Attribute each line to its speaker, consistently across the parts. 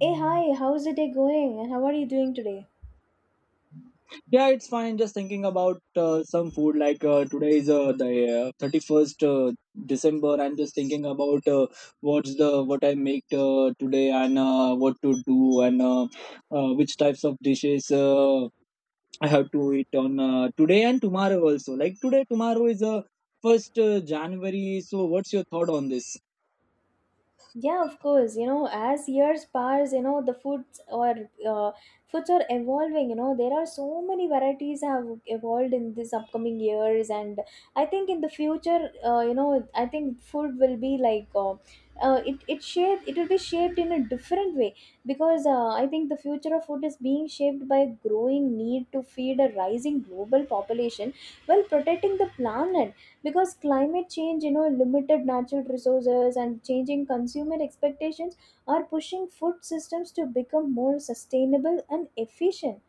Speaker 1: Hey, hi, how's the day going and how are you doing today?
Speaker 2: Yeah, it's fine. Just thinking about some food. Like today is the 31st 31st, December. I'm just thinking about what I make today and what to do and which types of dishes I have to eat on today and tomorrow also. Like today, tomorrow is first January. So, what's your thought on this?
Speaker 1: Yeah, of course, as years pass, the foods or uh, foods are evolving. There are so many varieties have evolved in this upcoming years, and I think in the future, you know, I think food will be it will be shaped in a different way, because I think the future of food is being shaped by growing need to feed a rising global population while protecting the planet, because climate change, limited natural resources, and changing consumer expectations are pushing food systems to become more sustainable and efficient.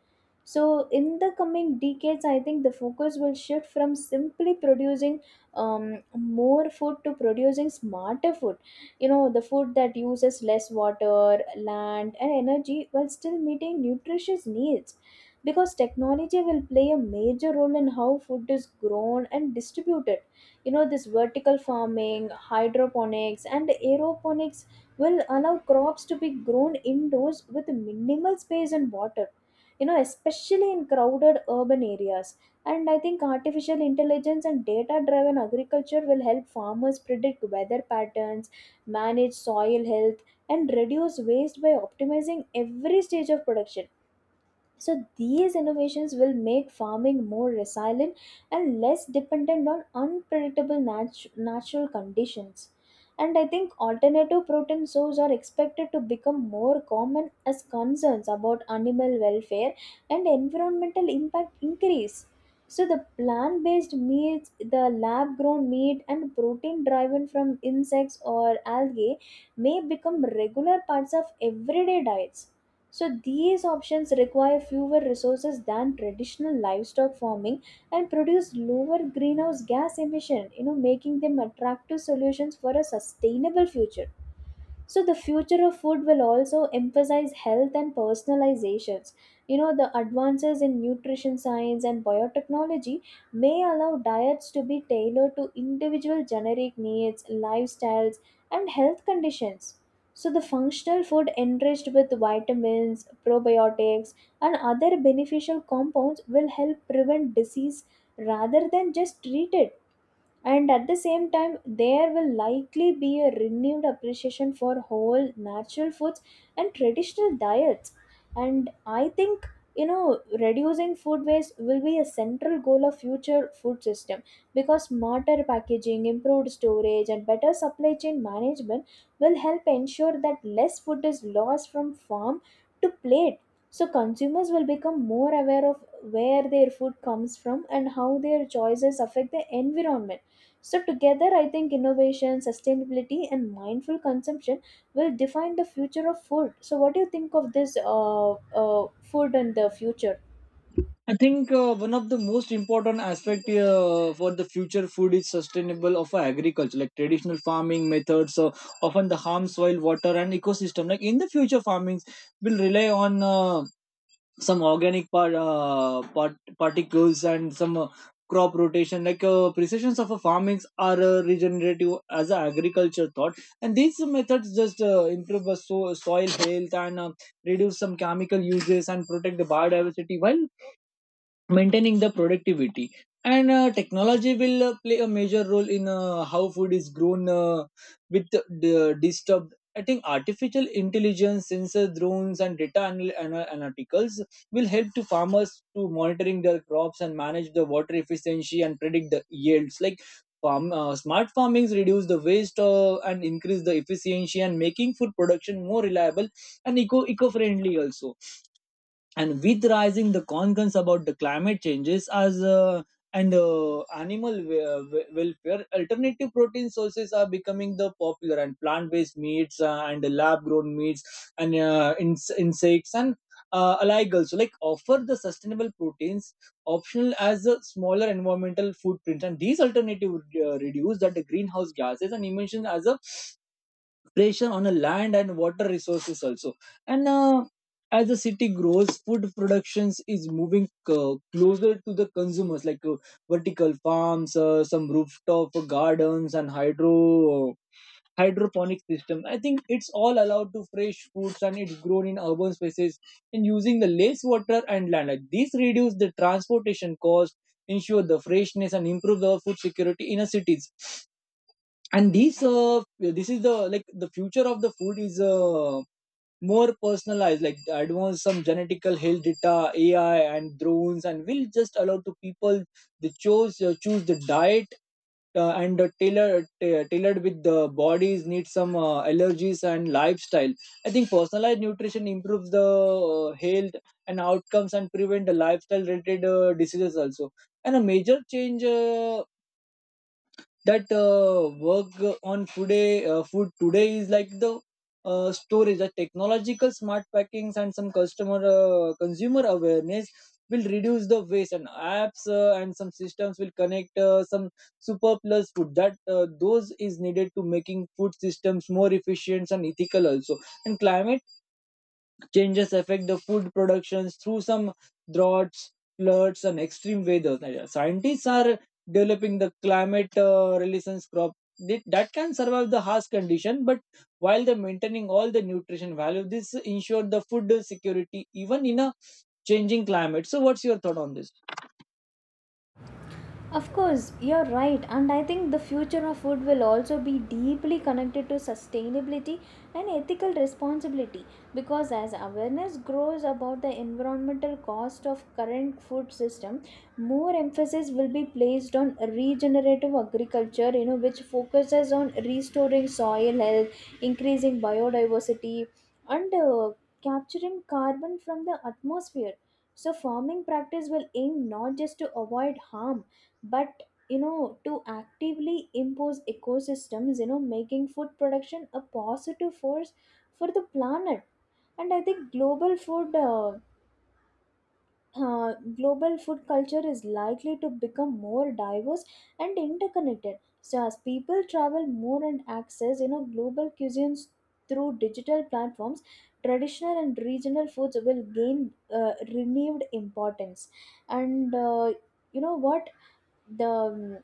Speaker 1: So in the coming decades, I think the focus will shift from simply producing more food to producing smarter food, the food that uses less water, land, and energy while still meeting nutritious needs. Because technology will play a major role in how food is grown and distributed, this vertical farming, hydroponics, and aeroponics will allow crops to be grown indoors with minimal space and water, especially in crowded urban areas. And I think artificial intelligence and data driven agriculture will help farmers predict weather patterns, manage soil health, and reduce waste by optimizing every stage of production. So these innovations will make farming more resilient and less dependent on unpredictable natural conditions. And I think alternative protein sources are expected to become more common as concerns about animal welfare and environmental impact increase. So the plant-based meats, the lab-grown meat, and protein driven from insects or algae may become regular parts of everyday diets. So these options require fewer resources than traditional livestock farming and produce lower greenhouse gas emission, making them attractive solutions for a sustainable future. So the future of food will also emphasize health and personalizations. The advances in nutrition science and biotechnology may allow diets to be tailored to individual generic needs, lifestyles, and health conditions. So the functional food enriched with vitamins, probiotics, and other beneficial compounds will help prevent disease rather than just treat it. And at the same time, there will likely be a renewed appreciation for whole natural foods and traditional diets. And I think, you know reducing food waste will be a central goal of future food system, because smarter packaging, improved storage, and better supply chain management will help ensure that less food is lost from farm to plate. So consumers will become more aware of where their food comes from and how their choices affect the environment. So, together, I think innovation, sustainability, and mindful consumption will define the future of food. So, what do you think of this food and the future?
Speaker 2: I think one of the most important aspect for the future food is sustainable of agriculture, like traditional farming methods often the harm soil, water, and ecosystem. Like in the future, farming will rely on some organic particles and some crop rotation. Like precisions of a farmings are regenerative as a agriculture thought, and these methods just improve the soil health and reduce some chemical uses and protect the biodiversity while maintaining the productivity and technology will play a major role in how food is grown with the disturbed. I think artificial intelligence sensor drones and data analyticals will help to farmers to monitoring their crops and manage the water efficiency and predict the yields like farm smart farmings reduce the waste and increase the efficiency and making food production more reliable and eco friendly also, and with rising the concerns about the climate changes as and animal welfare alternative protein sources are becoming the popular and plant-based meats and lab-grown meats and insects and alike also like offer the sustainable proteins optional as a smaller environmental footprint, and these alternative reduce that the greenhouse gases and emissions as a pressure on the land and water resources also. And as the city grows, food productions is moving closer to the consumers like vertical farms, some rooftop gardens and hydroponic system. I think it's all allowed to fresh foods and it's grown in urban spaces and using the less water and land, like these reduce the transportation cost, ensure the freshness and improve the food security in a cities. And these this is the like the future of the food is more personalized, like advanced some genetical health data, AI and drones and will just allow to people they choose the diet and tailor tailored with the body's need, some allergies and lifestyle. I think personalized nutrition improves the health and outcomes and prevent the lifestyle related diseases also. And a major change that work on today, food today is like the storage, the technological smart packings and some customer consumer awareness will reduce the waste. And apps and some systems will connect some superfluous food that those is needed to making food systems more efficient and ethical also. And climate changes affect the food productions through some droughts, floods, and extreme weather. Scientists are developing the climate resilience crop that can survive the harsh condition, but while they're maintaining all the nutrition value, this ensure the food security even in a changing climate. So, what's your thought on this?
Speaker 1: Of course, you're right, and I think the future of food will also be deeply connected to sustainability and ethical responsibility, because as awareness grows about the environmental cost of current food system, more emphasis will be placed on regenerative agriculture, which focuses on restoring soil health, increasing biodiversity, and capturing carbon from the atmosphere. So farming practice will aim not just to avoid harm, but to actively impose ecosystems, making food production a positive force for the planet. And I think global food culture is likely to become more diverse and interconnected. So as people travel more and access, global cuisines through digital platforms, traditional and regional foods will gain renewed importance. And you know what? The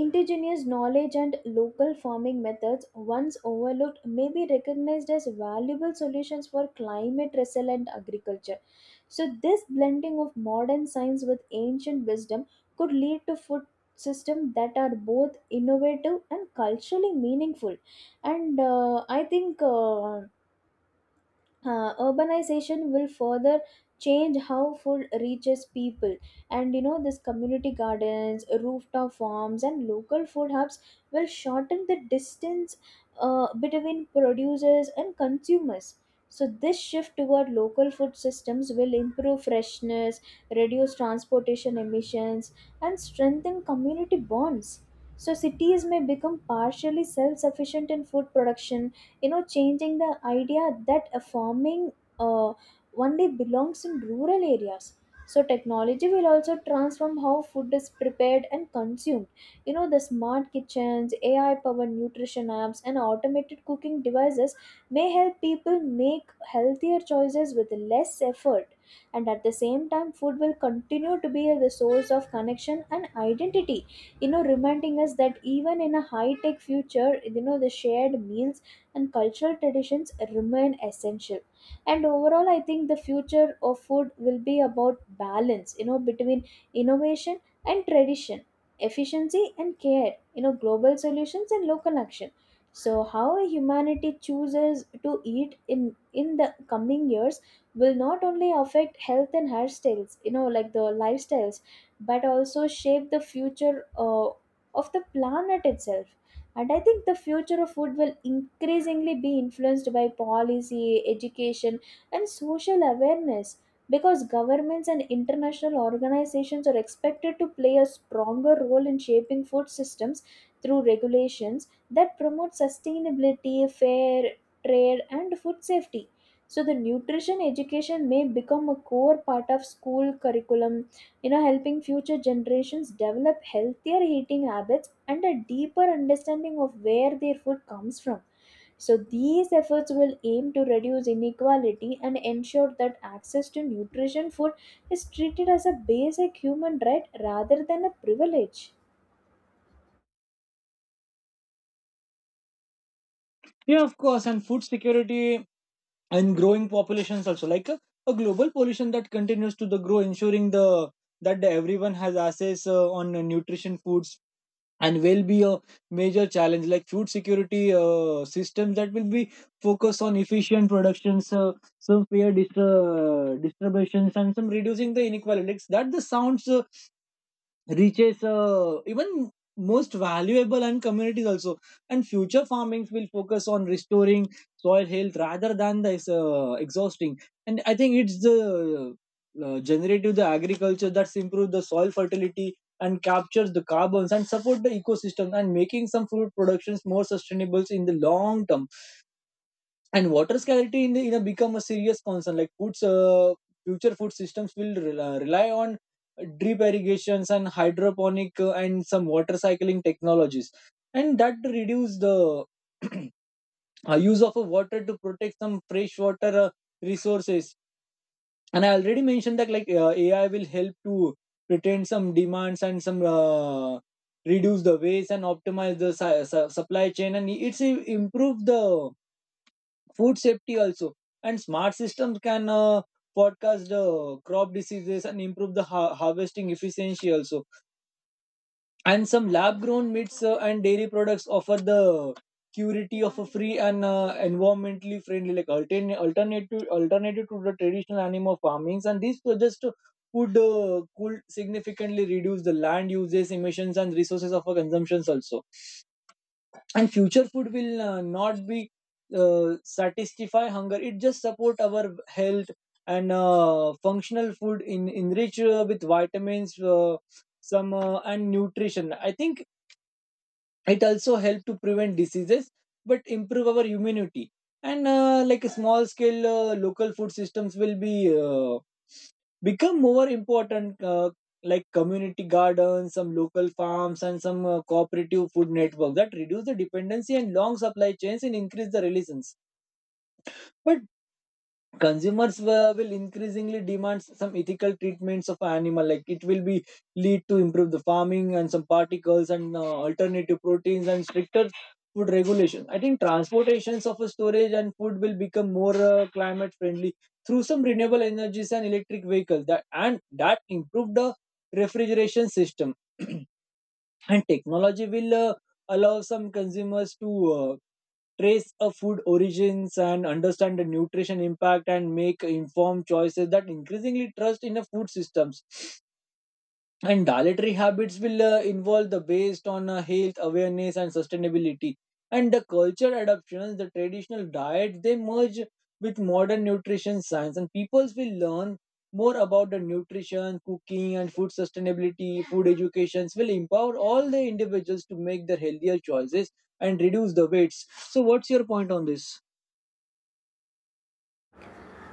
Speaker 1: indigenous knowledge and local farming methods once overlooked may be recognized as valuable solutions for climate resilient agriculture. So, this blending of modern science with ancient wisdom could lead to food systems that are both innovative and culturally meaningful. And I think. Urbanization will further change how food reaches people, and this community gardens, rooftop farms, and local food hubs will shorten the distance between producers and consumers. So this shift toward local food systems will improve freshness, reduce transportation emissions, and strengthen community bonds. So cities may become partially self-sufficient in food production, changing the idea that a farming uh, only belongs in rural areas. So technology will also transform how food is prepared and consumed. The smart kitchens, AI powered nutrition apps, and automated cooking devices may help people make healthier choices with less effort. And at the same time, food will continue to be the source of connection and identity, reminding us that even in a high tech future, the shared meals and cultural traditions remain essential. And overall, I think the future of food will be about balance, between innovation and tradition, efficiency and care, global solutions and local action. So how humanity chooses to eat in the coming years will not only affect health and hairstyles, like the lifestyles, but also shape the future of the planet itself. And I think the future of food will increasingly be influenced by policy, education, and social awareness, because governments and international organizations are expected to play a stronger role in shaping food systems through regulations that promote sustainability, fair trade, and food safety. So the nutrition education may become a core part of school curriculum, helping future generations develop healthier eating habits and a deeper understanding of where their food comes from. So, these efforts will aim to reduce inequality and ensure that access to nutrition food is treated as a basic human right rather than a privilege.
Speaker 2: Yeah, of course, and food security and growing populations also, a global pollution that continues to the grow, ensuring the that the everyone has access on nutrition foods, and will be a major challenge. Like food security systems that will be focused on efficient productions, some fair distributions and some reducing the inequalities that the sounds reaches even most valuable and communities also. And future farmings will focus on restoring soil health rather than this exhausting. And I think it's the generative the agriculture that's improve the soil fertility and captures the carbons and support the ecosystem and making some food productions more sustainable in the long term. And water scarcity in, the, in a become a serious concern, like foods future food systems will rely on drip irrigations and hydroponic and some water cycling technologies, and that reduce the use of a water to protect some fresh water resources. And I already mentioned that like AI will help to retain some demands and some reduce the waste and optimize the supply chain, and it's improve the food safety also. And smart systems can forecast crop diseases and improve the harvesting efficiency also. And some lab grown meats and dairy products offer the purity of a free and environmentally friendly, like alternative to the traditional animal farmings, and these could significantly reduce the land uses, emissions and resources of our consumptions also. And future food will not be satisfy hunger, it just support our health. And functional food in enrich with vitamins, some and nutrition, I think it also help to prevent diseases but improve our immunity. And like a small scale local food systems will be uh, become more important, like community gardens, some local farms and some cooperative food network that reduce the dependency and long supply chains and increase the relations. But consumers will increasingly demand some ethical treatments of animal, like it will be lead to improve the farming and some particles and alternative proteins and stricter food regulation. I think transportations of a storage and food will become more climate friendly through some renewable energies and electric vehicles that and that improved the refrigeration system. And technology will allow some consumers to uh, trace a food origins and understand the nutrition impact and make informed choices that increasingly trust in the food systems. And dietary habits will involve the based on health awareness and sustainability. And the culture adoptions, the traditional diets, they merge with modern nutrition science, and peoples will learn more about the nutrition, cooking, and food sustainability. Food educations will empower all the individuals to make their healthier choices and reduce the weights. So, what's your point on this?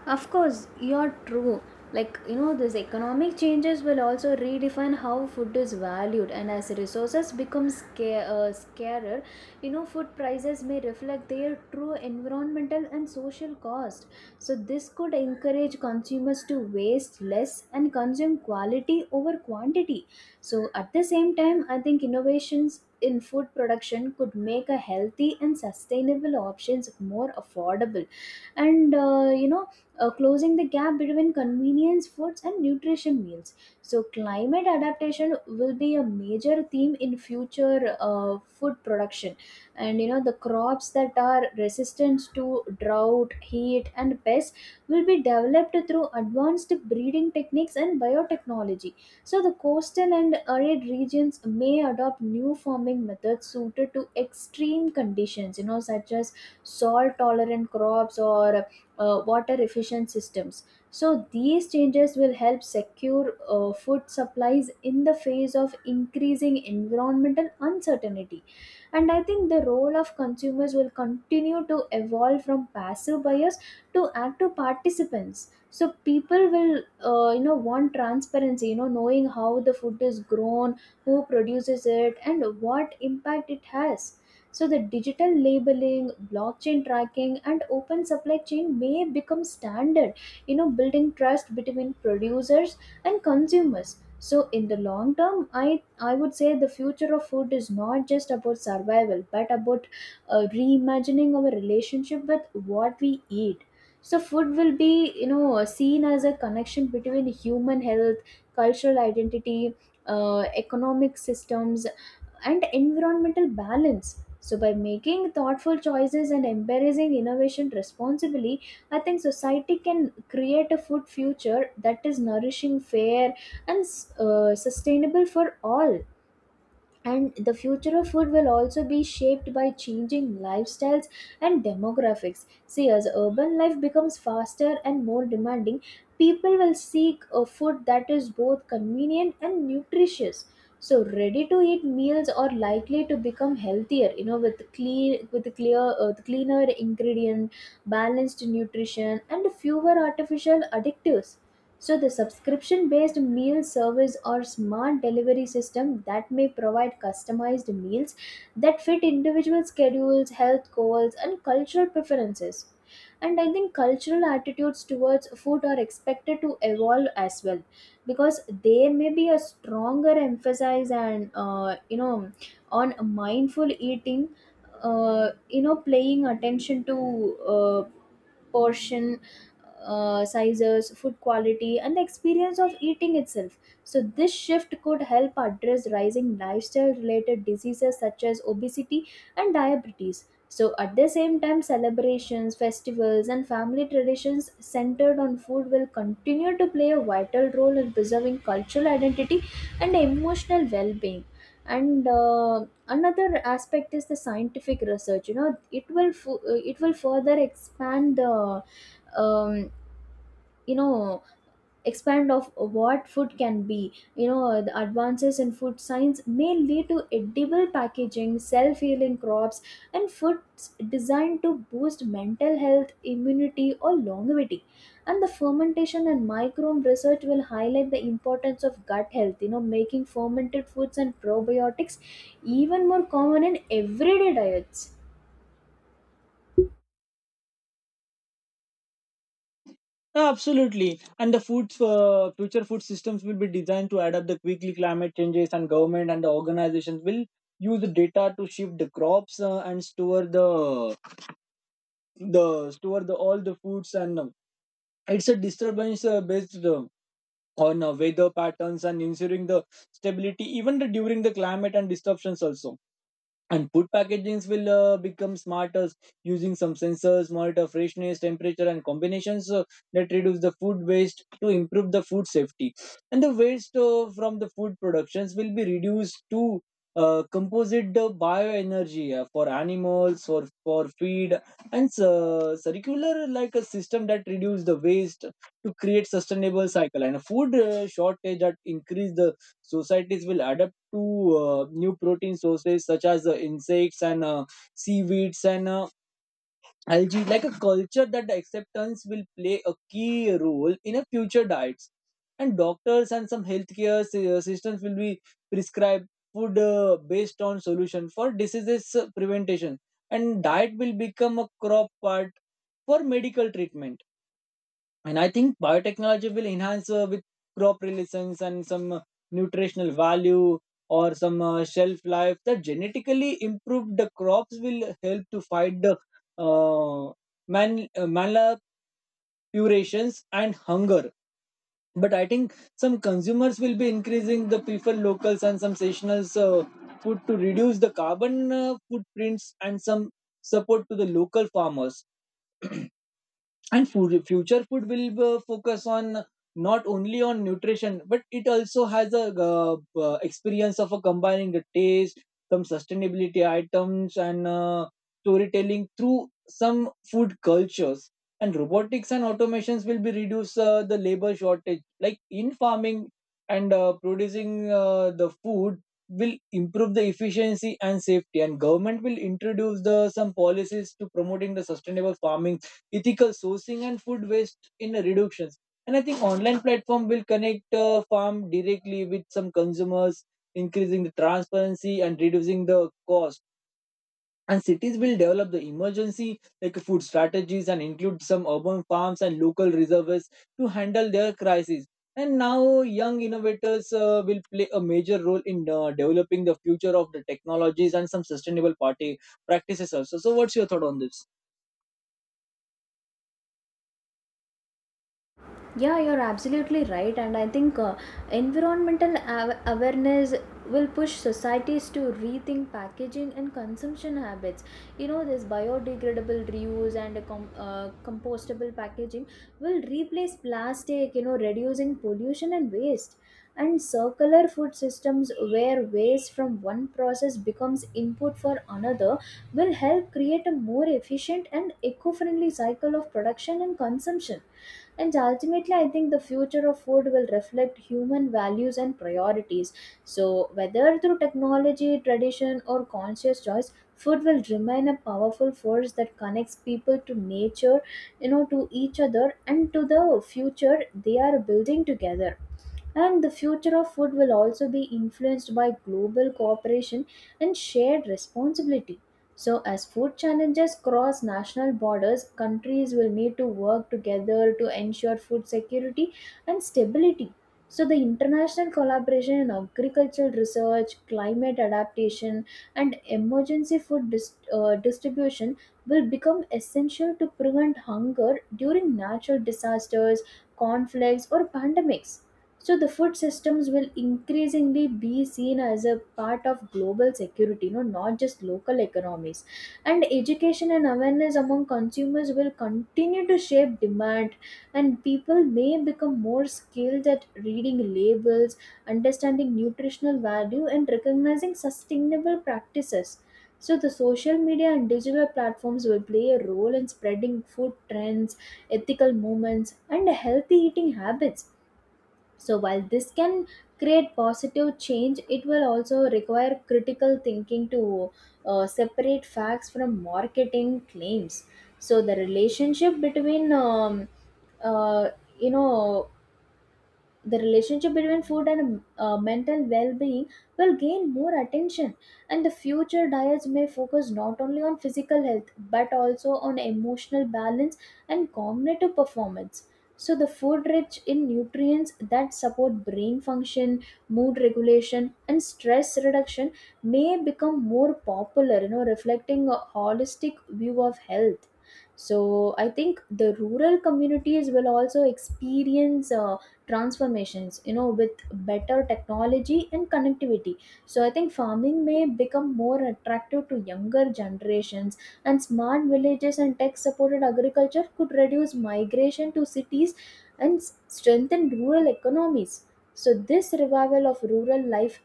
Speaker 1: Of course, you're true. Like, these economic changes will also redefine how food is valued, and as resources become scarer, food prices may reflect their true environmental and social cost. So, this could encourage consumers to waste less and consume quality over quantity. So, at the same time, I think innovations in food production could make a healthy and sustainable options more affordable, and closing the gap between convenience foods and nutrition meals. So, climate adaptation will be a major theme in future food production. And the crops that are resistant to drought, heat, and pests will be developed through advanced breeding techniques and biotechnology. So, the coastal and arid regions may adopt new farming methods suited to extreme conditions, such as salt tolerant crops, or water efficient systems. So, these changes will help secure food supplies in the face of increasing environmental uncertainty. And I think the role of consumers will continue to evolve from passive buyers to active participants. So, people will, want transparency, knowing how the food is grown, who produces it, and what impact it has. So the digital labeling, blockchain tracking, and open supply chain may become standard, building trust between producers and consumers. So in the long term, I would say the future of food is not just about survival, but about reimagining our relationship with what we eat. So food will be, seen as a connection between human health, cultural identity, economic systems, and environmental balance. So, by making thoughtful choices and embracing innovation responsibly, I think society can create a food future that is nourishing, fair, and sustainable for all. And the future of food will also be shaped by changing lifestyles and demographics. See, as urban life becomes faster and more demanding, people will seek a food that is both convenient and nutritious. So ready to eat meals are likely to become healthier, with clean with clear cleaner ingredient, balanced nutrition, and fewer artificial additives. So the subscription based meal service or smart delivery system that may provide customized meals that fit individual schedules, health goals, and cultural preferences. And I think cultural attitudes towards food are expected to evolve as well, because there may be a stronger emphasis and you know on mindful eating, paying attention to uh, portion sizes, food quality, and the experience of eating itself. So, this shift could help address rising lifestyle related diseases such as obesity and diabetes. So, at the same time, celebrations, festivals, and family traditions centered on food will continue to play a vital role in preserving cultural identity and emotional well being. And another aspect is the scientific research. It will further expand the um, you know expand of what food can be. The advances in food science may lead to edible packaging, self-healing crops, and foods designed to boost mental health, immunity, or longevity. And the fermentation and microbe research will highlight the importance of gut health, making fermented foods and probiotics even more common in everyday diets.
Speaker 2: Yeah, absolutely, and the food future food systems will be designed to adapt the quickly climate changes, and government and the organizations will use the data to shift the crops and store the all the foods and it's a disturbance based on weather patterns and ensuring the stability even the, during the climate and disruptions also. And food packagings will become smarter using some sensors monitor freshness temperature and combinations, that reduce the food waste to improve the food safety. And the waste from the food productions will be reduced to composite the bioenergy for animals for feed. And circular like a system that reduce the waste to create sustainable cycle. And a food shortage that increase the societies will adapt to new protein sources such as insects and seaweeds and algae, like a culture, that the acceptance will play a key role in a future diets. And doctors and some healthcare systems will be prescribe food based on solution for diseases prevention, and diet will become a crop part for medical treatment. And I think biotechnology will enhance with crop relations and some nutritional value or some shelf life. The genetically improved the crops will help to fight the uh, man uh, malapurations and hunger. But I think some consumers will be increasing the prefer locals and some seasonal food to reduce the carbon footprints and some support to the local farmers. And food, future food will focus on not only on nutrition but it also has a experience of a combining the taste, some sustainability items and storytelling through some food cultures. And robotics and automations will be reduce the labor shortage like in farming, and producing the food will improve the efficiency and safety. And government will introduce the some policies to promoting the sustainable farming, ethical sourcing and food waste in reductions. And I think online platform will connect farm directly with some consumers, increasing the transparency and reducing the cost. And cities will develop the emergency like food strategies and include some urban farms and local reserves to handle their crises. And now, young innovators will play a major role in developing the future of the technologies and some sustainable party practices also. So, what's your thought on this?
Speaker 1: Yeah, you're absolutely right. And I think environmental awareness will push societies to rethink packaging and consumption habits. You know, this biodegradable reuse and compostable packaging will replace plastic, you know, reducing pollution and waste. And circular food systems, where waste from one process becomes input for another, will help create a more efficient and eco friendly cycle of production and consumption, and ultimately I think the future of food will reflect human values and priorities. So whether through technology, tradition, or conscious choice, food will remain a powerful force that connects people to nature, you know, to each other, and to the future they are building together. And the future of food will also be influenced by global cooperation and shared responsibility. So, as food challenges cross national borders, countries will need to work together to ensure food security and stability. So, the international collaboration in agricultural research, climate adaptation, and emergency distribution will become essential to prevent hunger during natural disasters, conflicts, or pandemics. So the food systems will increasingly be seen as a part of global security, you know, not just local economies. And education and awareness among consumers will continue to shape demand, and people may become more skilled at reading labels, understanding nutritional value, and recognizing sustainable practices. So the social media and digital platforms will play a role in spreading food trends, ethical movements, and healthy eating habits. So, while this can create positive change, it will also require critical thinking to separate facts from marketing claims. So, the relationship between uh, you know the relationship between food and mental well-being will gain more attention, and the future diets may focus not only on physical health but also on emotional balance and cognitive performance. So the food rich in nutrients that support brain function, mood regulation, and stress reduction may become more popular, you know, reflecting a holistic view of health. So I think the rural communities will also experience transformations, you know, with better technology and connectivity. So I think farming may become more attractive to younger generations, and smart villages and tech supported agriculture could reduce migration to cities and strengthen rural economies. So this revival of rural life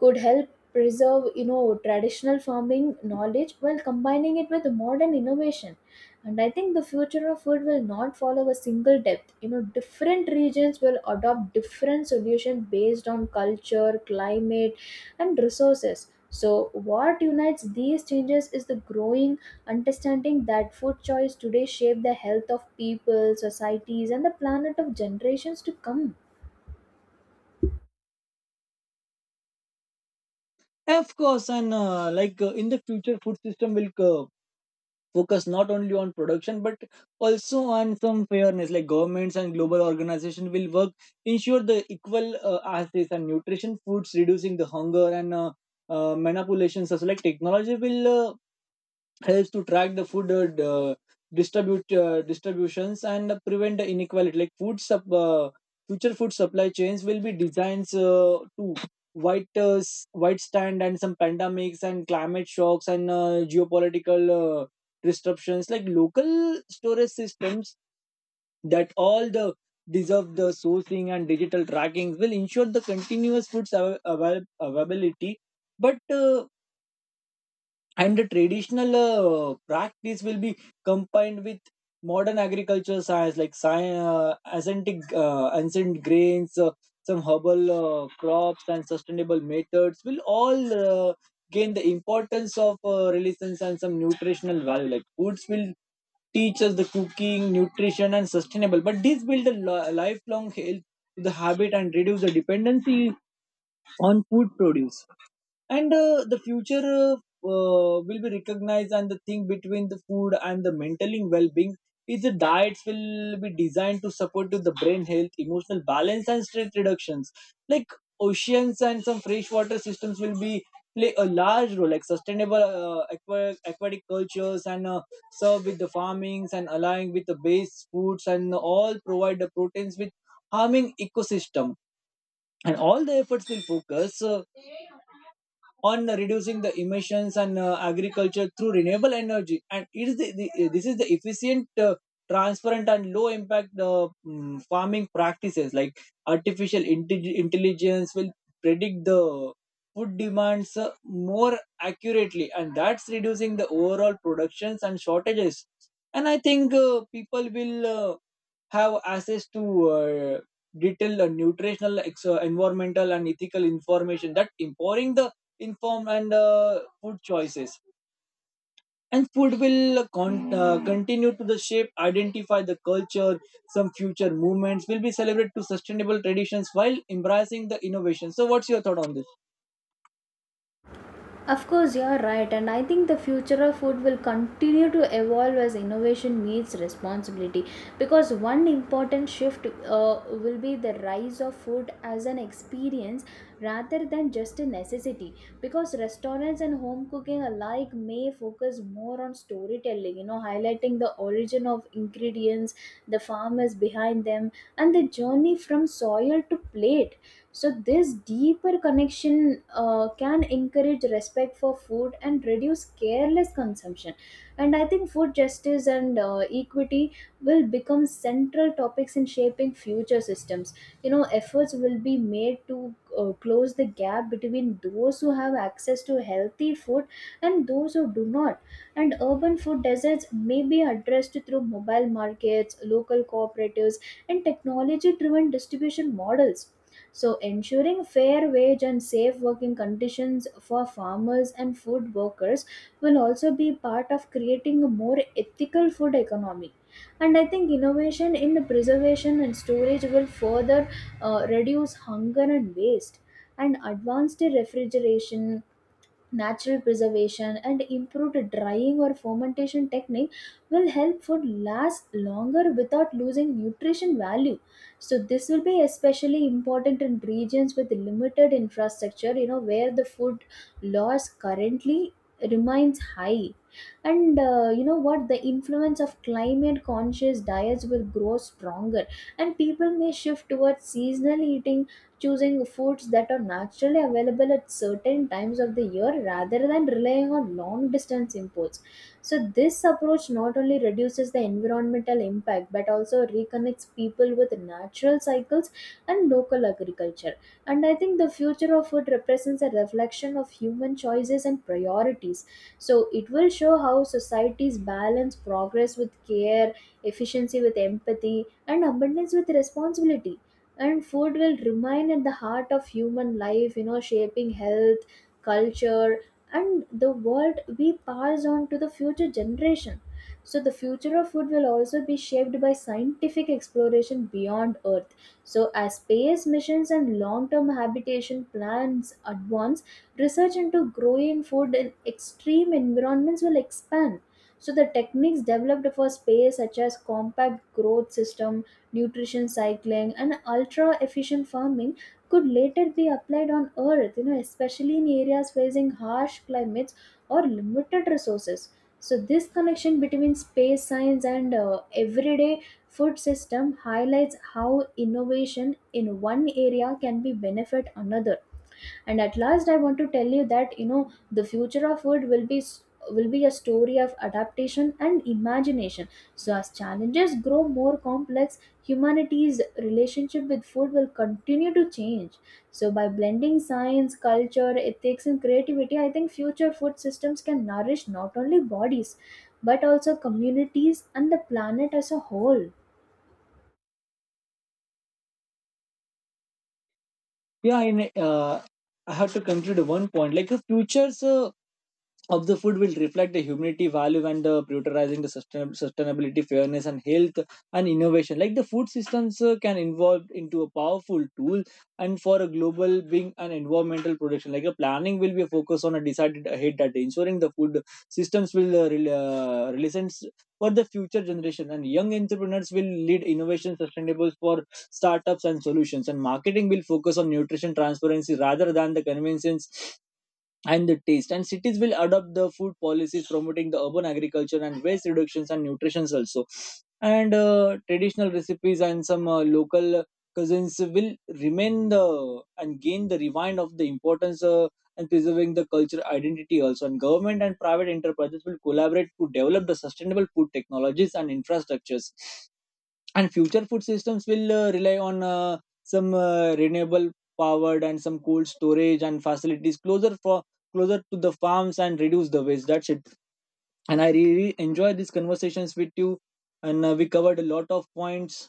Speaker 1: could help preserve, you know, traditional farming knowledge while combining it with modern innovation. And I think the future of food will not follow a single depth. You know, different regions will adopt different solutions based on culture, climate, and resources. So what unites these changes is the growing understanding that food choice today shape the health of people, societies, and the planet of generations to come.
Speaker 2: Of course, and like in the future, food system will focus not only on production but also on some fairness. Like governments and global organizations will work ensure the equal access and nutrition foods, reducing the hunger and manipulations. Also, like technology will. Helps to track the food distribute distributions and prevent the inequality like future food supply chains will be designed to white white stand and some pandemics and climate shocks and geopolitical disruptions like local storage systems that all the deserve the sourcing and digital tracking will ensure the continuous food availability but and the traditional practice will be combined with modern agricultural science like science, ancient grains, some herbal crops and sustainable methods will all gain the importance of relations and some nutritional value like foods will teach us the cooking nutrition and sustainable but this build a lifelong health to the habit and reduce the dependency on food produce. And The future will be recognized and the thing between the food and the mental well-being is the diets will be designed to support to the brain health, emotional balance, and stress reductions. Like oceans and some freshwater systems will be play a large role like sustainable aquatic cultures and serve with the farmings and aligning with the base foods and all provide the proteins with harming ecosystem. And all the efforts will focus on reducing the emissions and agriculture through renewable energy, and it is this is the efficient, transparent, and low impact farming practices. Like intelligence will predict the food demands more accurately, and that's reducing the overall productions and shortages. And I think people will have access to uh, detailed nutritional, environmental, and ethical information that empowering the informed and food choices. And food will continue to the shape, identify the culture. Some future movements will be celebrated to sustainable traditions while embracing the innovation. So, what's your thought on this?
Speaker 1: Of course, you're right, and I think the future of food will continue to evolve as innovation meets responsibility. Because one important shift will be the rise of food as an experience rather than just a necessity. Because restaurants and home cooking alike may focus more on storytelling, you know, highlighting the origin of ingredients, the farmers behind them, and the journey from soil to plate. So, this deeper connection can encourage respect for food and reduce careless consumption. And I think food justice and equity will become central topics in shaping future systems. You know, efforts will be made to close the gap between those who have access to healthy food and those who do not. And urban food deserts may be addressed through mobile markets, local cooperatives, and technology driven distribution models. So, ensuring fair wage and safe working conditions for farmers and food workers will also be part of creating a more ethical food economy. And I think innovation in preservation and storage will further reduce hunger and waste. And advanced refrigeration, natural preservation, and improved drying or fermentation technique will help food last longer without losing nutrition value. So this will be especially important in regions with limited infrastructure, you know, where the food loss currently remains high. And you know what, the influence of climate conscious diets will grow stronger, and people may shift towards seasonal eating, choosing foods that are naturally available at certain times of the year rather than relying on long distance imports. So, this approach not only reduces the environmental impact but also reconnects people with natural cycles and local agriculture. And I think the future of food represents a reflection of human choices and priorities. So, it will show how societies balance progress with care, efficiency with empathy, and abundance with responsibility. And food will remain at the heart of human life, you know, shaping health, culture, and the world we pass on to the future generation. So the future of food will also be shaped by scientific exploration beyond earth. So as space missions and long-term habitation plans advance, research into growing food in extreme environments will expand. So the techniques developed for space, such as compact growth system, nutrition cycling, and ultra efficient farming, could later be applied on earth, you know, especially in areas facing harsh climates or limited resources. So this connection between space science and everyday food system highlights how innovation in one area can be benefit another. And at last I want to tell you that, you know, the future of food will will be a story of adaptation and imagination. So as challenges grow more complex, humanity's relationship with food will continue to change. So by blending science, culture, ethics, and creativity, I think future food systems can nourish not only bodies but also communities and the planet as a whole.
Speaker 2: Yeah, and uh, I have to conclude one point like the futures of the food will reflect the humanity value and the prioritizing the sustainability, fairness, and health and innovation. Like the food systems can evolve into a powerful tool, and for a global being an environmental production like a planning will be a focus on a decided ahead that ensuring the food systems will realize for the future generation. And young entrepreneurs will lead innovation sustainable for startups and solutions, and marketing will focus on nutrition transparency rather than the convenience and the taste. And cities will adopt the food policies promoting the urban agriculture and waste reductions and nutritions also. And traditional recipes and some local cousins will remain the and gain the rewind of the importance, and preserving the culture identity also. And government and private enterprises will collaborate to develop the sustainable food technologies and infrastructures, and future food systems will rely on some renewable powered and some cold storage and facilities closer for closer to the farms and reduce the waste. That's it. And I really enjoyed these conversations with you, and we covered a lot of points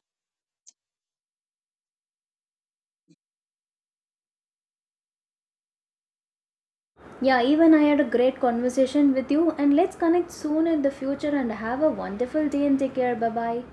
Speaker 1: Yeah, even I had a great conversation with you, and let's connect soon in the future and have a wonderful day and take care. Bye bye.